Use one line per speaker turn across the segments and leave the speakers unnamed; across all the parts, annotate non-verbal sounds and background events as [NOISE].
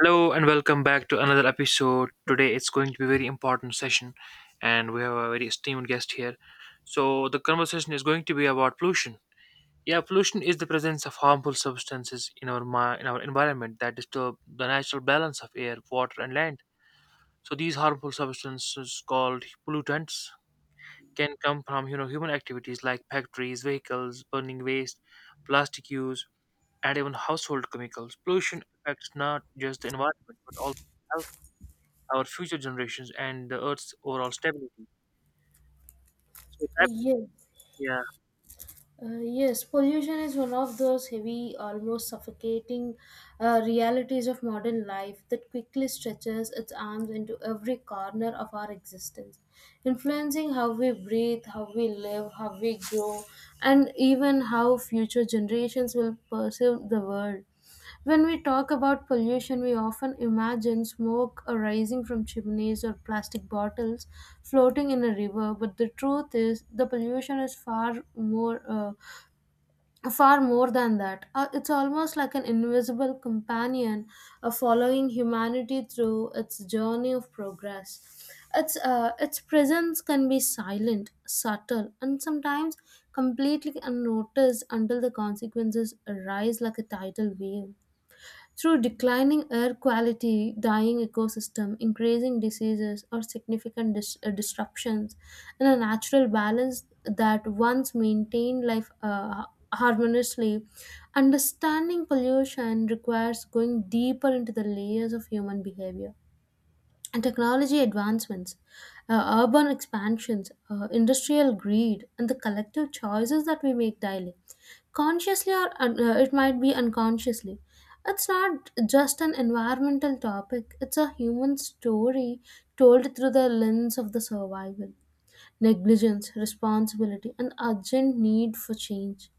Hello and welcome back to another episode. Today it's going to be a very important session and we have a very esteemed guest here. So the conversation is going to be about pollution. Yeah, pollution is the presence of harmful substances in our in our environment that disturb the natural balance of air, water and land. So these harmful substances called pollutants can come from you know human activities like factories, vehicles, burning waste, plastic use and even household chemicals. Pollution affects not just the environment but also health, our future generations, and the Earth's overall stability. So that's
Yes,
yeah,
yes, pollution is one of those heavy, almost suffocating realities of modern life that quickly stretches its arms into every corner of our existence, influencing how we breathe, how we live, how we grow, and even how future generations will perceive the world. When we talk about pollution, we often imagine smoke arising from chimneys or plastic bottles floating in a river, but the truth is the pollution is far more than that. It's almost like an invisible companion following humanity through its journey of progress. Its presence can be silent, subtle, and sometimes completely unnoticed until the consequences arise like a tidal wave through declining air quality, dying ecosystem, increasing diseases, or significant disruptions, and a natural balance that once maintained life harmoniously. Understanding pollution requires going deeper into the layers of human behavior and technology advancements, urban expansions, industrial greed, and the collective choices that we make daily, consciously or it might be unconsciously. It's not just an environmental topic, it's a human story told through the lens of the survival, negligence, responsibility, and urgent need for change.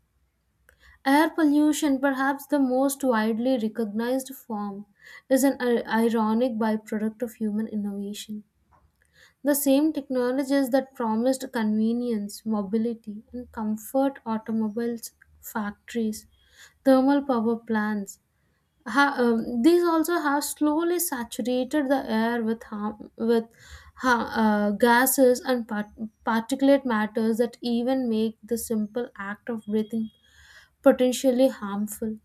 Air pollution, perhaps the most widely recognized form, is an ironic byproduct of human innovation, the same technologies that promised convenience, mobility, and comfort: automobiles, factories, thermal power plants. These also have slowly saturated the air with harm, with gases and particulate matters that even make the simple act of breathing potentially harmful.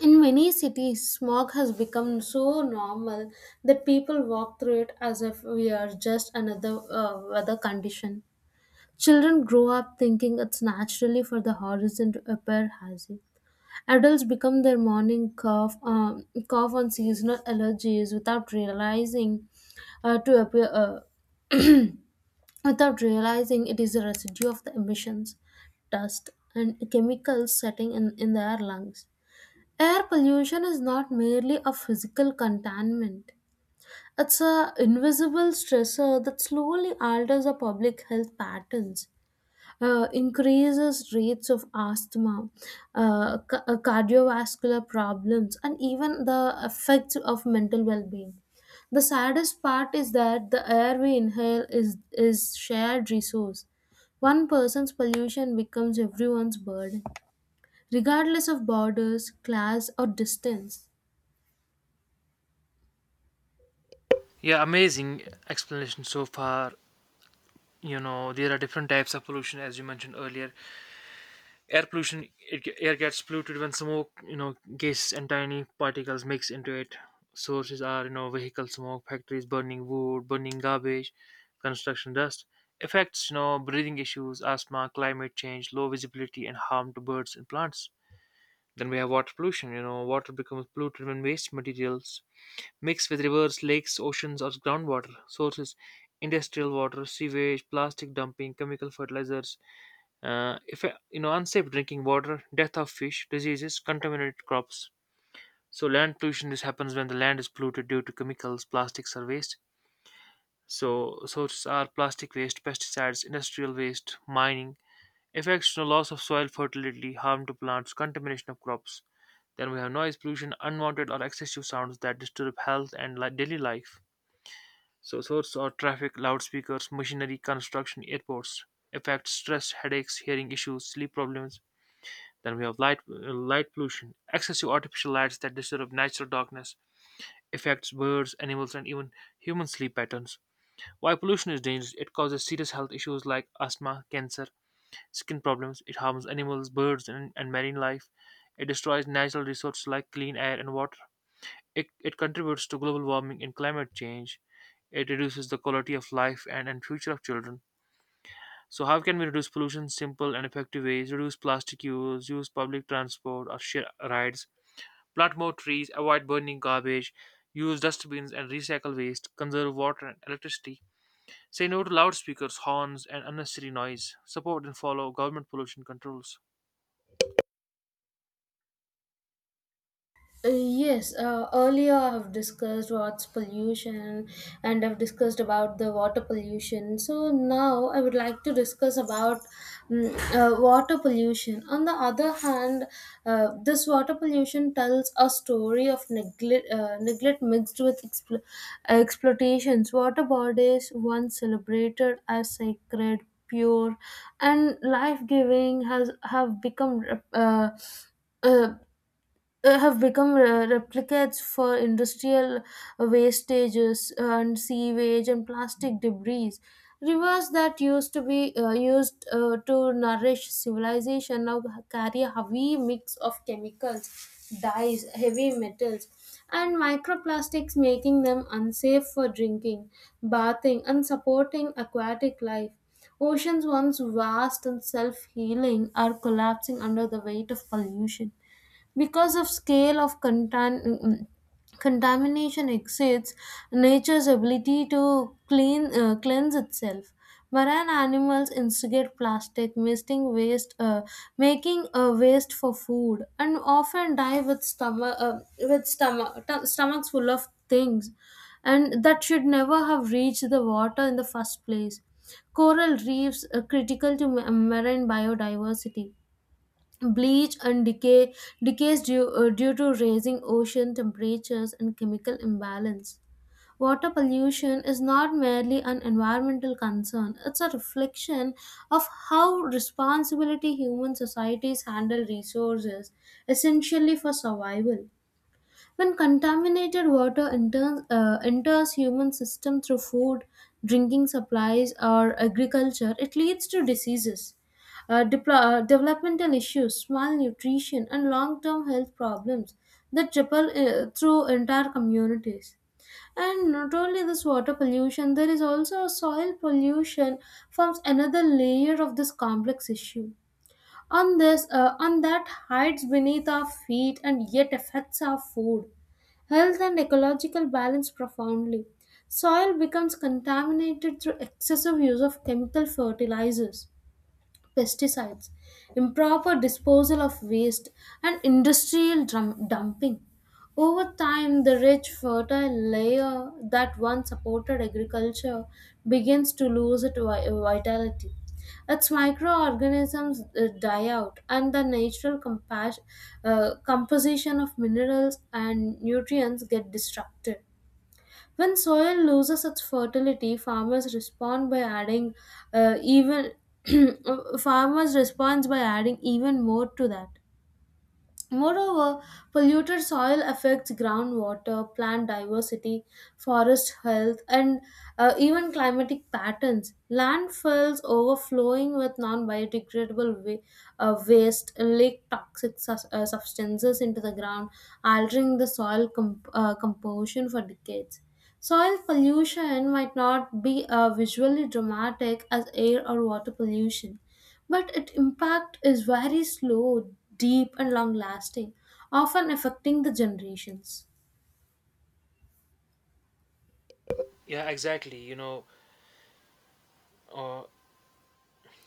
In many cities, smog has become so normal that people walk through it as if we are just another weather condition. Children grow up thinking it's naturally for the horizon to appear hazy. Adults become their morning cough on seasonal allergies without realizing to appear without realizing it is a residue of the emissions, dust, and chemicals setting in their lungs. Air pollution is not merely a physical contaminant. It's a invisible stressor that slowly alters the public health patterns, increases rates of asthma, cardiovascular problems, and even the effects of mental well-being. The saddest part is that the air we inhale is shared resource. One person's pollution becomes everyone's burden, regardless of borders, class, or distance.
yeah, amazing explanation so far. You know, there are different types of pollution, as you mentioned earlier. Air pollution, air gets polluted when smoke, you know, gases and tiny particles mix into it. Sources are, you know, vehicle smoke, factories burning wood, burning garbage, construction dust. Effects, you know, breathing issues, asthma, climate change, low visibility, and harm to birds and plants. Then we have water pollution. You know, water becomes polluted when waste materials mixed with rivers, lakes, oceans, or groundwater sources, industrial water, sewage, plastic dumping, chemical fertilizers, if you know, unsafe drinking water, death of fish, diseases, contaminated crops. So land pollution, this happens when the land is polluted due to chemicals, plastics or waste. So sources are plastic waste, pesticides, industrial waste, mining. Effects, no loss of soil fertility, harm to plants, contamination of crops. Then we have noise pollution, unwanted or excessive sounds that disturb health and daily life. So source are traffic, loudspeakers, machinery, construction, airports. Effects, stress, headaches, hearing issues, sleep problems. Then we have light pollution, excessive artificial lights that disturb natural darkness, affects birds, animals, and even human sleep patterns. Why pollution is dangerous? It causes serious health issues like asthma, cancer, skin problems. It harms animals, birds, and marine life. It destroys natural resources like clean air and water. It contributes to global warming and climate change. It reduces the quality of life and future of children. So how can we reduce pollution? Simple and effective ways: reduce plastic use, use public transport or share rides, plant more trees, avoid burning garbage, use dustbins and recycle waste, conserve water and electricity. Say no to loudspeakers, horns, and unnecessary noise. Support and follow government pollution controls.
Yes, earlier I have discussed what's pollution and I've discussed about the water pollution. So now I would like to discuss about water pollution. On the other hand, this water pollution tells a story of neglect, neglect mixed with exploitations. Water bodies, once celebrated as sacred, pure, and life giving, has have become. Uh, uh, have become replicates for industrial wastages and sewage and plastic debris. Rivers that used to be used to nourish civilization now carry a heavy mix of chemicals, dyes, heavy metals, and microplastics, making them unsafe for drinking, bathing, and supporting aquatic life. Oceans, once vast and self healing, are collapsing under the weight of pollution because of scale of contamination exceeds nature's ability to cleanse itself. Marine animals instigate plastic wasting waste making a waste for food and often die with stomachs full of things and that should never have reached the water in the first place. Coral reefs, are critical to marine biodiversity, bleach and decays due to raising ocean temperatures and chemical imbalance. Water pollution is not merely an environmental concern, it's a reflection of how responsibility human societies handle resources essentially for survival. When contaminated enters human system through food, drinking supplies, or agriculture, it leads to diseases, developmental issues, malnutrition, and long-term health problems that triple through entire communities. And not only this water pollution, there is also soil pollution forms another layer of this complex issue. On on that hides beneath our feet and yet affects our food, health, and ecological balance profoundly. Soil becomes contaminated through excessive use of chemical fertilizers, pesticides, improper disposal of waste, and industrial dumping. Over time, the rich, fertile layer that once supported agriculture begins to lose its vitality. Its microorganisms die out, and the natural composition of minerals and nutrients get disrupted. When soil loses its fertility, farmers respond by adding even [CLEARS THROAT] farmers responds by adding even more to that. Moreover, polluted soil affects groundwater, plant diversity, forest health, and even climatic patterns. Landfills overflowing with waste leak substances into the ground, altering the composition for decades. Soil pollution might not be visually dramatic as air or water pollution, but its impact is very slow, deep, and long lasting, often affecting the generations.
Yeah, exactly. You know, uh,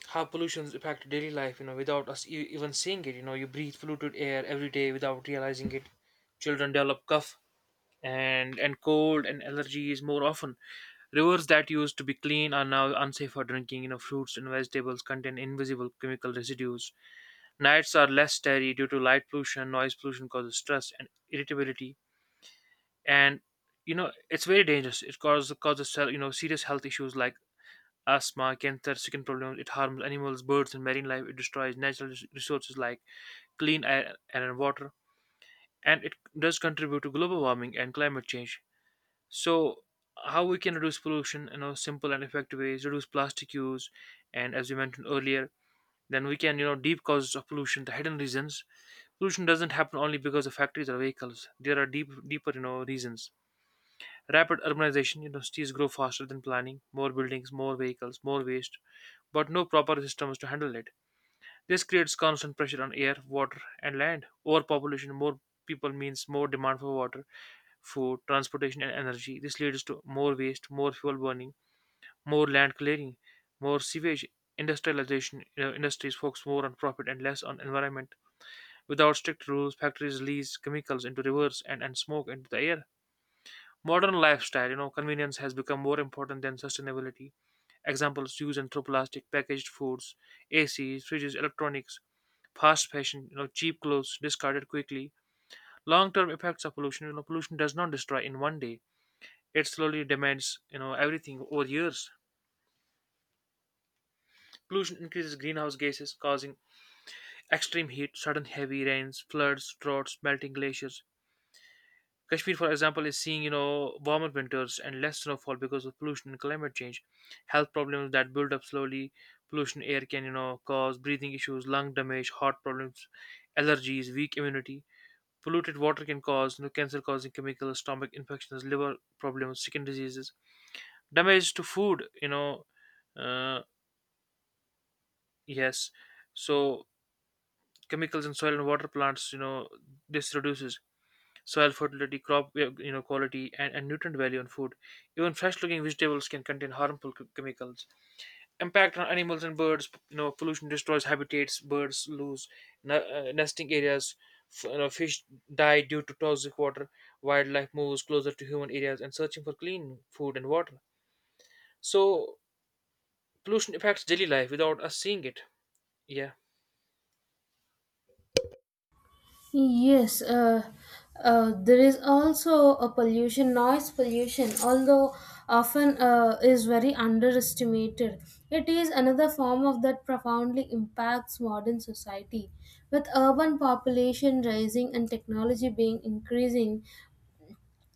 how pollution's impact daily life. You know, without us even seeing it. You know, you breathe polluted air every day without realizing it. Children develop cough, and cold and allergies more often. Rivers that used to be clean are now unsafe for drinking. You know, fruits and vegetables contain invisible chemical residues. Nights are less starry due to light pollution. Noise pollution causes stress and irritability, and you know it's very dangerous. It causes you know serious health issues like asthma, cancer, skin problems. It harms animals, birds, and marine life. It destroys natural resources like clean air and water, and it does contribute to global warming and climate change. So how we can reduce pollution? You know, simple and effective ways: reduce plastic use, and as we mentioned earlier, then we can you know deep causes of pollution, the hidden reasons. Pollution doesn't happen only because of factories or vehicles. There are deep, deeper you know reasons. Rapid urbanization: you know, cities grow faster than planning. More buildings, more vehicles, more waste, but no proper systems to handle it. This creates constant pressure on air, water, and land. Overpopulation: more people means more demand for water, food, transportation, and energy. This leads to more waste, more fuel burning, more land clearing, more sewage, industrialization. You know, industries focus more on profit and less on environment. Without strict rules, factories release chemicals into rivers and smoke into the air. Modern lifestyle, you know, convenience has become more important than sustainability. Examples used and through plastic, packaged foods, ACs, fridges, electronics, fast fashion, you know, cheap clothes discarded quickly. Long-term effects of pollution, you know, pollution does not destroy in one day. It slowly demands, you know, everything over years. Pollution increases greenhouse gases, causing extreme heat, sudden heavy rains, floods, droughts, melting glaciers. Kashmir, for example, is seeing you know warmer winters and less snowfall because of pollution and climate change. Health problems that build up slowly, pollution air can you know cause breathing issues, lung damage, heart problems, allergies, weak immunity. Polluted water can cause you know cancer-causing chemicals, stomach infections, liver problems, skin diseases. Damage to food, you know, uh, yes. So chemicals in soil and water plants, you know, this reduces soil fertility, crop quality, and nutrient value in food. Even fresh-looking vegetables can contain harmful chemicals. Impact on animals and birds. You know, pollution destroys habitats. Birds lose nesting areas. Fish die due to toxic water. Wildlife moves closer to human areas and searching for clean food and water. So pollution affects daily life without us seeing it. Yeah.
Yes, there is also a pollution, noise pollution, although often is very underestimated. It is another form of that profoundly impacts modern society. With urban population rising and technology being increasing,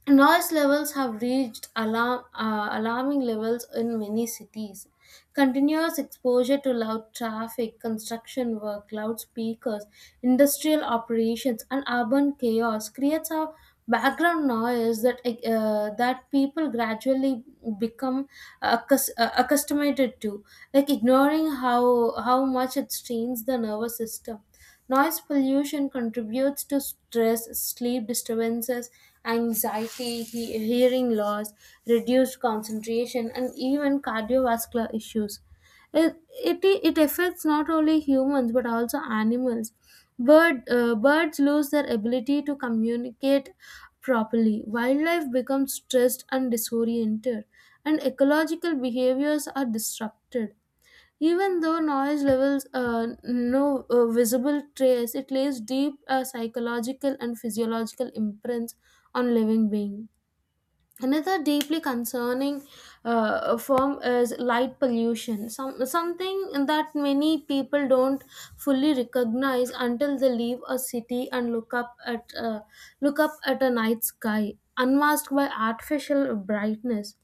noise levels have reached alarming levels in many cities. Continuous exposure to loud traffic, construction work, loudspeakers, industrial operations, and urban chaos creates a background noise that that people gradually become accustomed to, like ignoring how much it strains the nervous system. Noise pollution contributes to stress, sleep disturbances, anxiety, hearing loss, reduced concentration, and even cardiovascular issues. It affects not only humans but also animals. Birds lose their ability to communicate properly. Wildlife becomes stressed and disoriented, and ecological behaviors are disrupted. Even though noise levels no visible trace, it leaves deep psychological and physiological imprints on living being. Another deeply concerning form is light pollution, something that many people don't fully recognize until they leave a city and look up at a night sky unmasked by artificial brightness.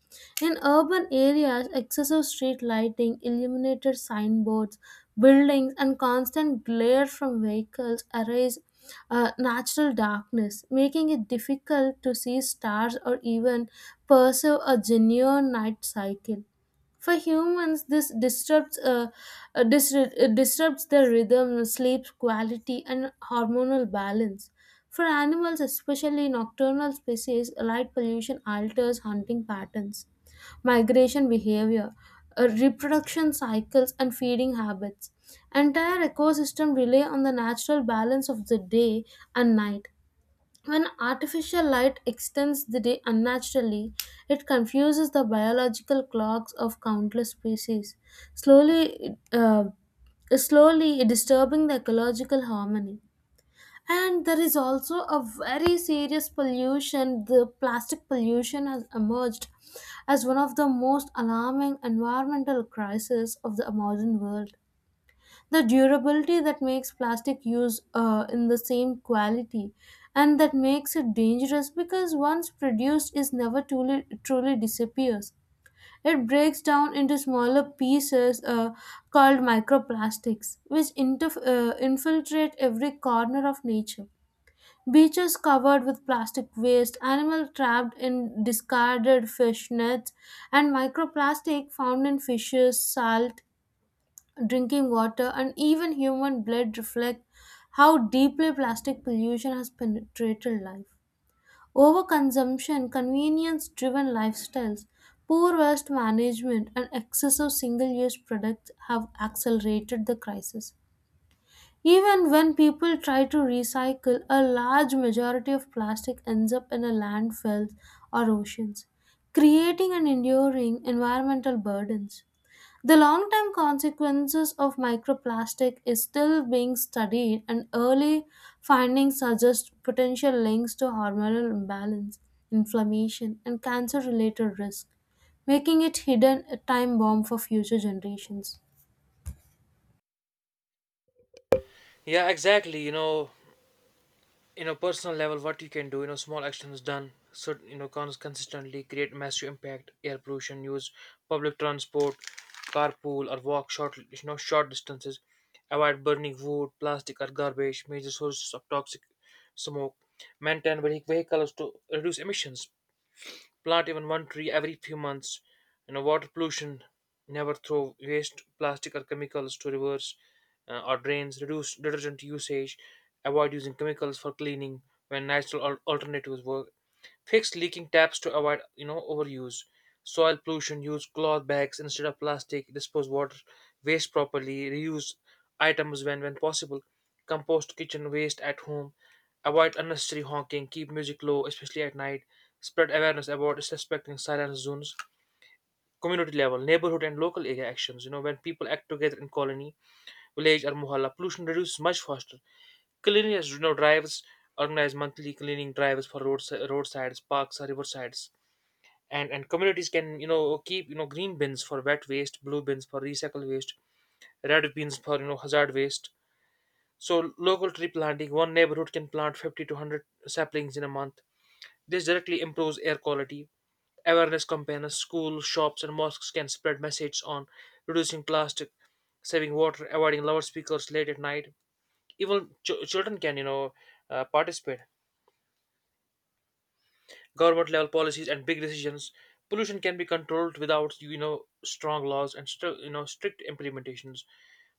In urban areas, excessive street lighting, illuminated signboards, buildings, and constant glare from vehicles erase natural darkness, making it difficult to see stars or even perceive a genuine night cycle. For humans, this disrupts their rhythm, sleep quality, and hormonal balance. For animals, especially nocturnal species, light pollution alters hunting patterns, migration behavior, reproduction cycles, and feeding habits. Entire ecosystem rely on the natural balance of the day and night. When artificial light extends the day unnaturally, it confuses the biological clocks of countless species, slowly, uh, slowly disturbing the ecological harmony. And there is also a very serious pollution. The plastic pollution has emerged as one of the most alarming environmental crises of the modern world. The durability that makes plastic use in the same quality and that makes it dangerous because once produced is never truly disappears. It breaks down into smaller pieces called microplastics, which infiltrate every corner of nature. Beaches covered with plastic waste, animals trapped in discarded fish nets, and microplastic found in fishes, salt, drinking water, and even human blood reflect how deeply plastic pollution has penetrated life. Overconsumption, convenience driven lifestyles, poor waste management, and excessive single use products have accelerated the crisis. Even when people try to recycle, a large majority of plastic ends up in a landfills or oceans, creating and enduring environmental burdens. The long term consequences of microplastic is still being studied, and early findings suggest potential links to hormonal imbalance, inflammation, and cancer related risk, making it hidden a time bomb for future generations.
Yeah, exactly. You know personal level what you can do, you know, small actions done so you know consistently create massive impact. Air pollution, use public transport, carpool or walk short, you know, short distances, avoid burning wood, plastic or garbage, major sources of toxic smoke, maintain vehicles to reduce emissions. Plant even one tree every few months. You know, water pollution. Never throw waste, plastic, or chemicals to rivers or drains. Reduce detergent usage. Avoid using chemicals for cleaning when natural alternatives work. Fix leaking taps to avoid you know overuse. Soil pollution. Use cloth bags instead of plastic. Dispose water waste properly. Reuse items when possible. Compost kitchen waste at home. Avoid unnecessary honking. Keep music low, especially at night. Spread awareness about respecting silence zones. Community level, neighborhood and local area actions. You know, when people act together in colony, village or mohalla, pollution reduces much faster. Cleanliness, you know, drives, organize monthly cleaning drives for roads, roadsides, parks, or riversides, and communities can you know keep you know green bins for wet waste, blue bins for recycle waste, red bins for you know hazard waste. So local tree planting, one neighborhood can plant 50 to 100 saplings in a month. This directly improves air quality. Awareness campaigns, schools, shops and mosques can spread messages on reducing plastic, saving water, avoiding loudspeakers late at night. Even children can you know participate. Government level policies and big decisions, pollution can be controlled without you know strong laws and strict implementations.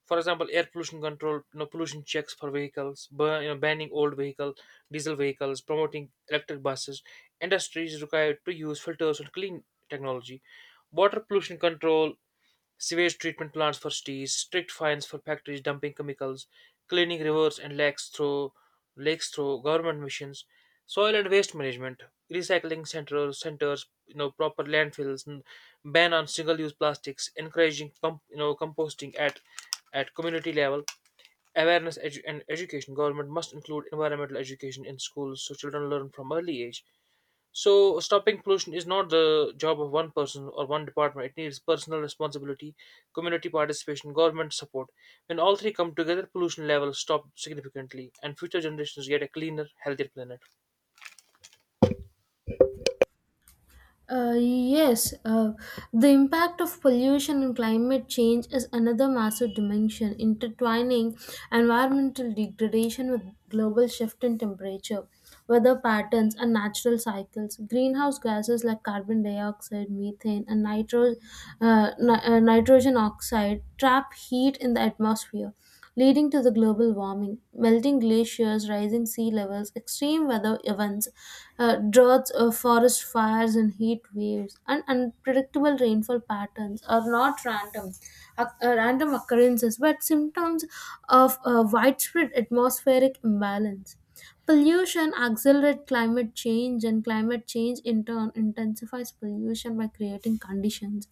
For example, air pollution control, you know, pollution checks for vehicles, burn, you know, banning old vehicle, diesel vehicles, promoting electric buses, industries required to use filters and clean technology. Water pollution control, sewage treatment plants for cities, strict fines for factories dumping chemicals, cleaning rivers and lakes through government missions, soil and waste management, recycling centers, you know, proper landfills, n- ban on single-use plastics, encouraging composting at community level, awareness and education. Government must include environmental education in schools so children learn from early age. So stopping pollution is not the job of one person or one department. It needs personal responsibility, community participation, government support. When all three come together, pollution levels stop significantly, and future generations get a cleaner, healthier planet.
Yes, the impact of pollution and climate change is another massive dimension, intertwining environmental degradation with global shift in temperature, weather patterns, and natural cycles. Greenhouse gases like carbon dioxide, methane, and nitrogen oxide trap heat in the atmosphere leading to the global warming, melting glaciers, rising sea levels, extreme weather events, droughts, forest fires, and heat waves, and unpredictable rainfall patterns are not random occurrences, but symptoms of widespread atmospheric imbalance. Pollution accelerates climate change, and climate change in turn intensifies pollution by creating conditions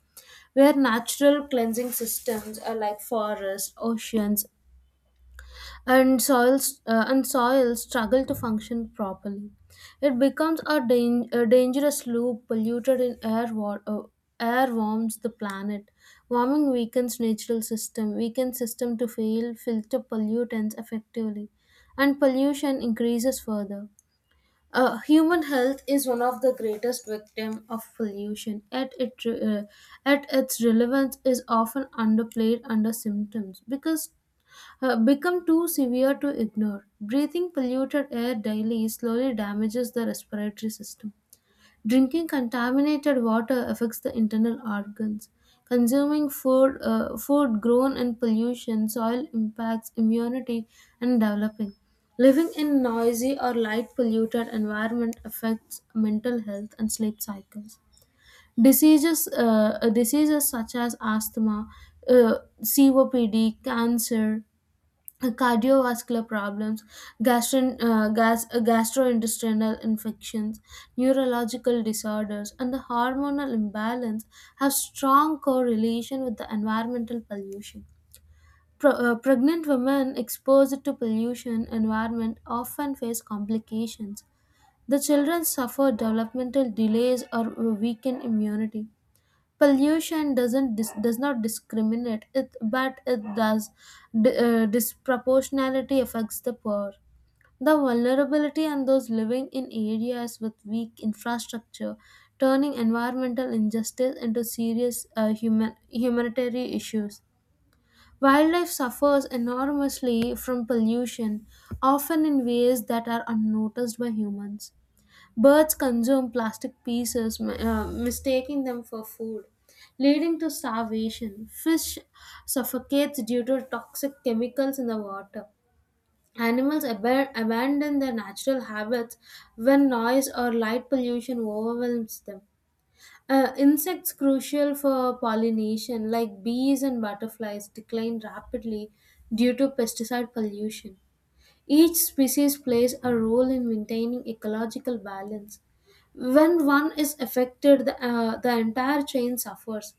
where natural cleansing systems are like forests, oceans, and soils struggle to function properly. It becomes a, dang- a dangerous loop. Polluted in air warms the planet. Warming weakens natural system, weakens system to fail filter pollutants effectively, and pollution increases further. Human health is one of the greatest victim of pollution, yet its relevance is often underplayed under symptoms because become too severe to ignore. Breathing polluted air daily slowly damages the respiratory system. Drinking contaminated water affects the internal organs. Consuming food grown in pollution soil impacts immunity and developing. Living in noisy or light polluted environment affects mental health and sleep cycles. Diseases such as asthma, COPD, cancer, cardiovascular problems, gastrointestinal infections, neurological disorders, and the hormonal imbalance have strong correlation with the environmental pollution. Pregnant women exposed to pollution environment often face complications. The children suffer developmental delays or weakened immunity. Pollution does not discriminate it, but it does disproportionality affects the poor, the vulnerability, and those living in areas with weak infrastructure, turning environmental injustice into serious human humanitarian issues. Wildlife suffers enormously from pollution, often in ways that are unnoticed by humans. Birds consume plastic pieces, mistaking them for food, leading to starvation. Fish suffocates due to toxic chemicals in the water. Animals abandon their natural habits when noise or light pollution overwhelms them. Insects crucial for pollination, like bees and butterflies, decline rapidly due to pesticide pollution. Each species plays a role in maintaining ecological balance. When one is affected, the entire chain suffers.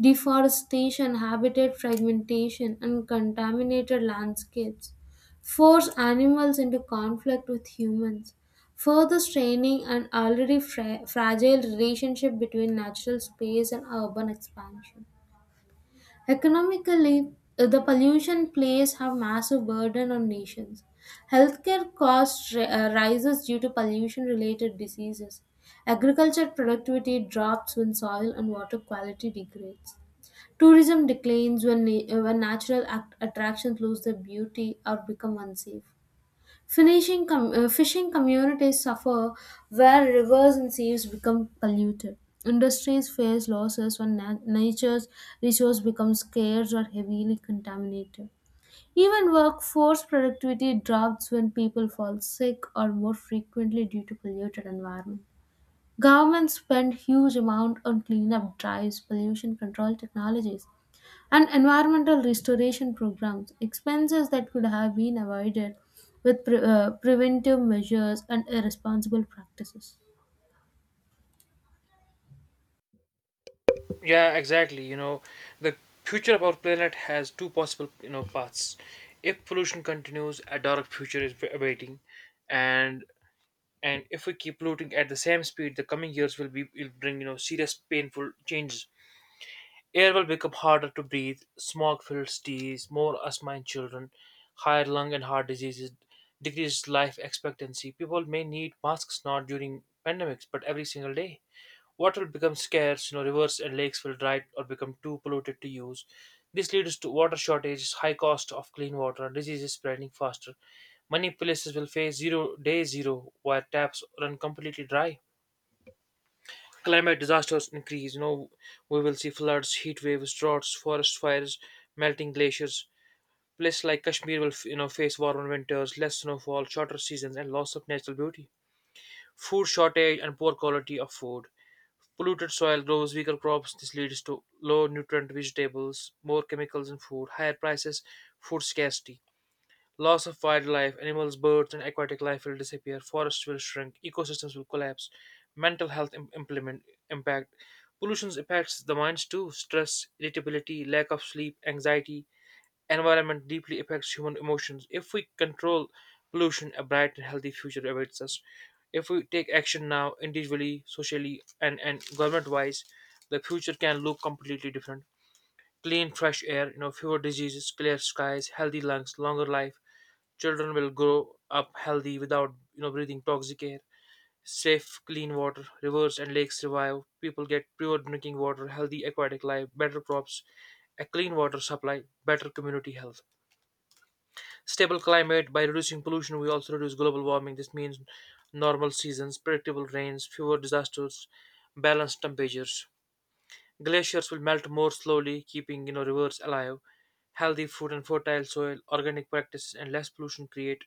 Deforestation, habitat fragmentation, and contaminated landscapes force animals into conflict with humans, further straining an already fragile relationship between natural space and urban expansion. Economically, the pollution plays have massive burden on nations. Healthcare costs rises due to pollution-related diseases. Agriculture productivity drops when soil and water quality degrades. Tourism declines when, when natural attractions lose their beauty or become unsafe. Fishing communities suffer where rivers and seas become polluted. Industries face losses when nature's resource becomes scarce or heavily contaminated. Even workforce productivity drops when people fall sick or more frequently due to polluted environment. Governments spend huge amount on cleanup drives, pollution control technologies, and environmental restoration programs, expenses that could have been avoided with preventive measures and irresponsible practices.
Yeah, exactly. You know, the future of our planet has two possible, you know, paths. If pollution continues, a dark future is awaiting, and and if we keep polluting at the same speed, the coming years will bring you know serious, painful changes. Air will become harder to breathe, smog fills teas, more asthma in children, higher lung and heart diseases, decreased life expectancy. People may need masks not during pandemics, but every single day. Water will become scarce, you know, rivers and lakes will dry or become too polluted to use. This leads to water shortages, high cost of clean water, diseases spreading faster. Many places will face zero day zero where taps run completely dry. Climate disasters increase. You know, we will see floods, heat waves, droughts, forest fires, melting glaciers. Places like Kashmir will, face warmer winters, less snowfall, shorter seasons, and loss of natural beauty. Food shortage and poor quality of food. Polluted soil grows weaker crops. This leads to low nutrient vegetables, more chemicals in food, higher prices, food scarcity. Loss of wildlife, animals, birds, and aquatic life will disappear. Forests will shrink. Ecosystems will collapse. Mental health im- implement impact. Pollution impacts the minds too. Stress, irritability, lack of sleep, anxiety. Environment deeply affects human emotions. If we control pollution, a bright and healthy future awaits us. If we take action now, individually, socially, and government-wise, the future can look completely different. Clean, fresh air, you know, fewer diseases, clear skies, healthy lungs, longer life. Children will grow up healthy without you know breathing toxic air. Safe, clean water, rivers and lakes revive. People get pure drinking water, healthy aquatic life, better crops, a clean water supply, better community health. Stable climate, by reducing pollution, we also reduce global warming. This means normal seasons, predictable rains, fewer disasters, balanced temperatures. Glaciers will melt more slowly, keeping you know rivers alive. Healthy food and fertile soil, organic practices, and less pollution create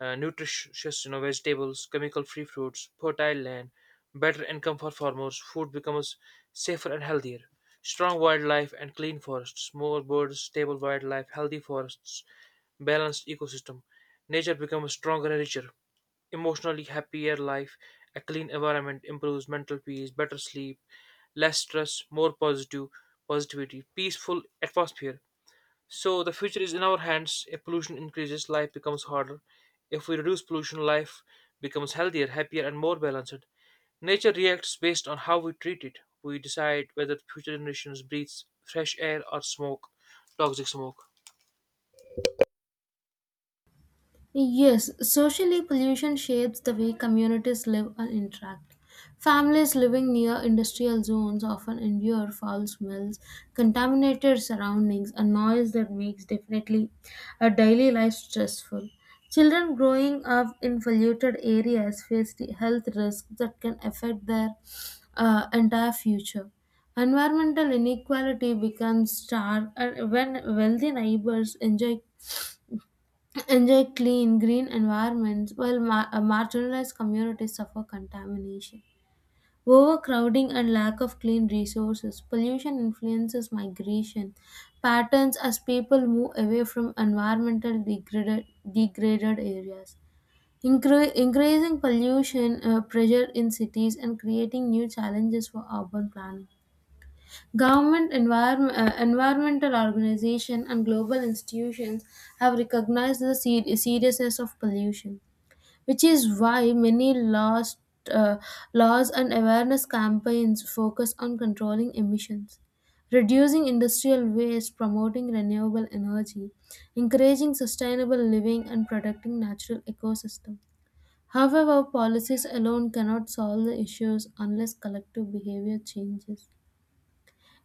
nutritious you know vegetables, chemical free fruits, fertile land, better income for farmers. Food becomes safer and healthier. Strong wildlife and clean forests, more birds, stable wildlife, healthy forests, balanced ecosystem, nature becomes stronger and richer. Emotionally happier life, a clean environment improves mental peace, better sleep, less stress, more positive positivity, peaceful atmosphere. So the future is in our hands. If pollution increases, life becomes harder. If we reduce pollution, life becomes healthier, happier, and more balanced. Nature reacts based on how we treat it. We decide whether future generations breathe fresh air or smoke toxic smoke.
Yes, socially, pollution shapes the way communities live and interact. Families living near industrial zones often endure foul smells, contaminated surroundings, and noise that makes definitely a daily life stressful. Children growing up in polluted areas face the health risks that can affect their entire future. Environmental inequality becomes stark and when wealthy neighbors enjoy clean, green environments while marginalized communities suffer contamination. Overcrowding and lack of clean resources, pollution influences migration patterns as people move away from environmental degraded areas. Increasing pollution pressure in cities and creating new challenges for urban planning. Government, environmental organizations, and global institutions have recognized the seriousness of pollution, which is why many laws, uh, laws and awareness campaigns focus on controlling emissions, reducing industrial waste, promoting renewable energy, encouraging sustainable living, and protecting natural ecosystems. However, policies alone cannot solve the issues unless collective behavior changes.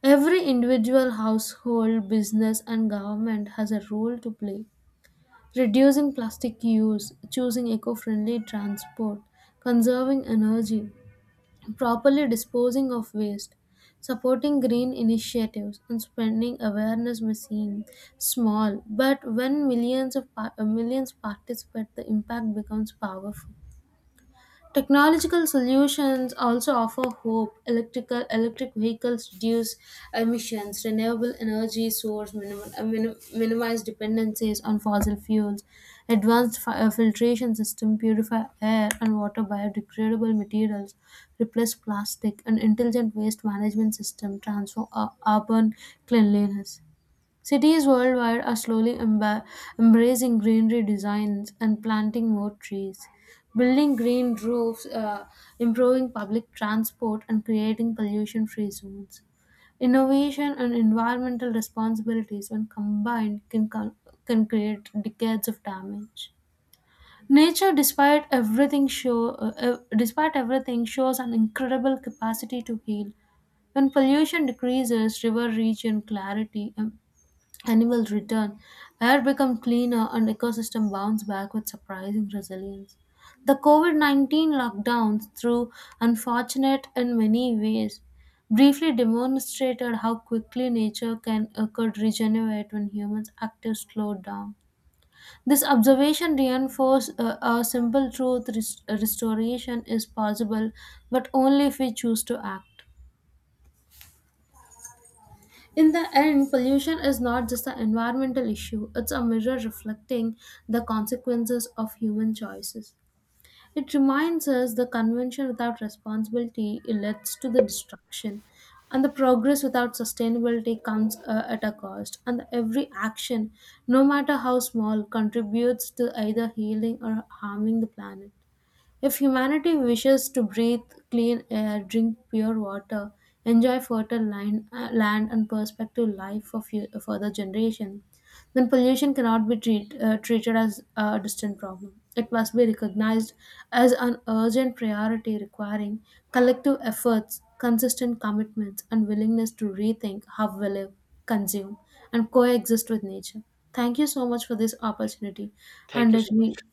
Every individual, household, business, and government has a role to play. Reducing plastic use, choosing eco friendly transport, conserving energy, properly disposing of waste, supporting green initiatives, and spreading awareness may seem small, but when millions participate, the impact becomes powerful. Technological solutions also offer hope. Electric vehicles reduce emissions, renewable energy source minimize dependencies on fossil fuels, advanced filtration system purify air and water biodegradable materials, replace plastic, and intelligent waste management system transform urban cleanliness. Cities worldwide are slowly embracing greenery designs and planting more trees, building green roofs, improving public transport, and creating pollution free zones. Innovation and environmental responsibilities, when combined, can create decades of damage. Nature, despite everything, despite everything, shows an incredible capacity to heal. When pollution decreases, river reach in clarity, and animals return, air become cleaner, and ecosystem bounce back with surprising resilience. The COVID 19 lockdowns, through unfortunate in many ways, briefly demonstrated how quickly nature can could regenerate when humans' active slowed down. This observation reinforced a simple truth, restoration is possible, but only if we choose to act. In the end, pollution is not just an environmental issue, it's a mirror reflecting the consequences of human choices. It reminds us the convention without responsibility leads to the destruction, and the progress without sustainability comes at a cost. And every action, no matter how small, contributes to either healing or harming the planet. If humanity wishes to breathe clean air, drink pure water, enjoy fertile land, and perspective life for further generation, then pollution cannot be treated as a distant problem. It must be recognized as an urgent priority requiring collective efforts, consistent commitments, and willingness to rethink how we live, consume, and coexist with nature. Thank you so much for this opportunity,
Thank
and
you
it
so
really
much.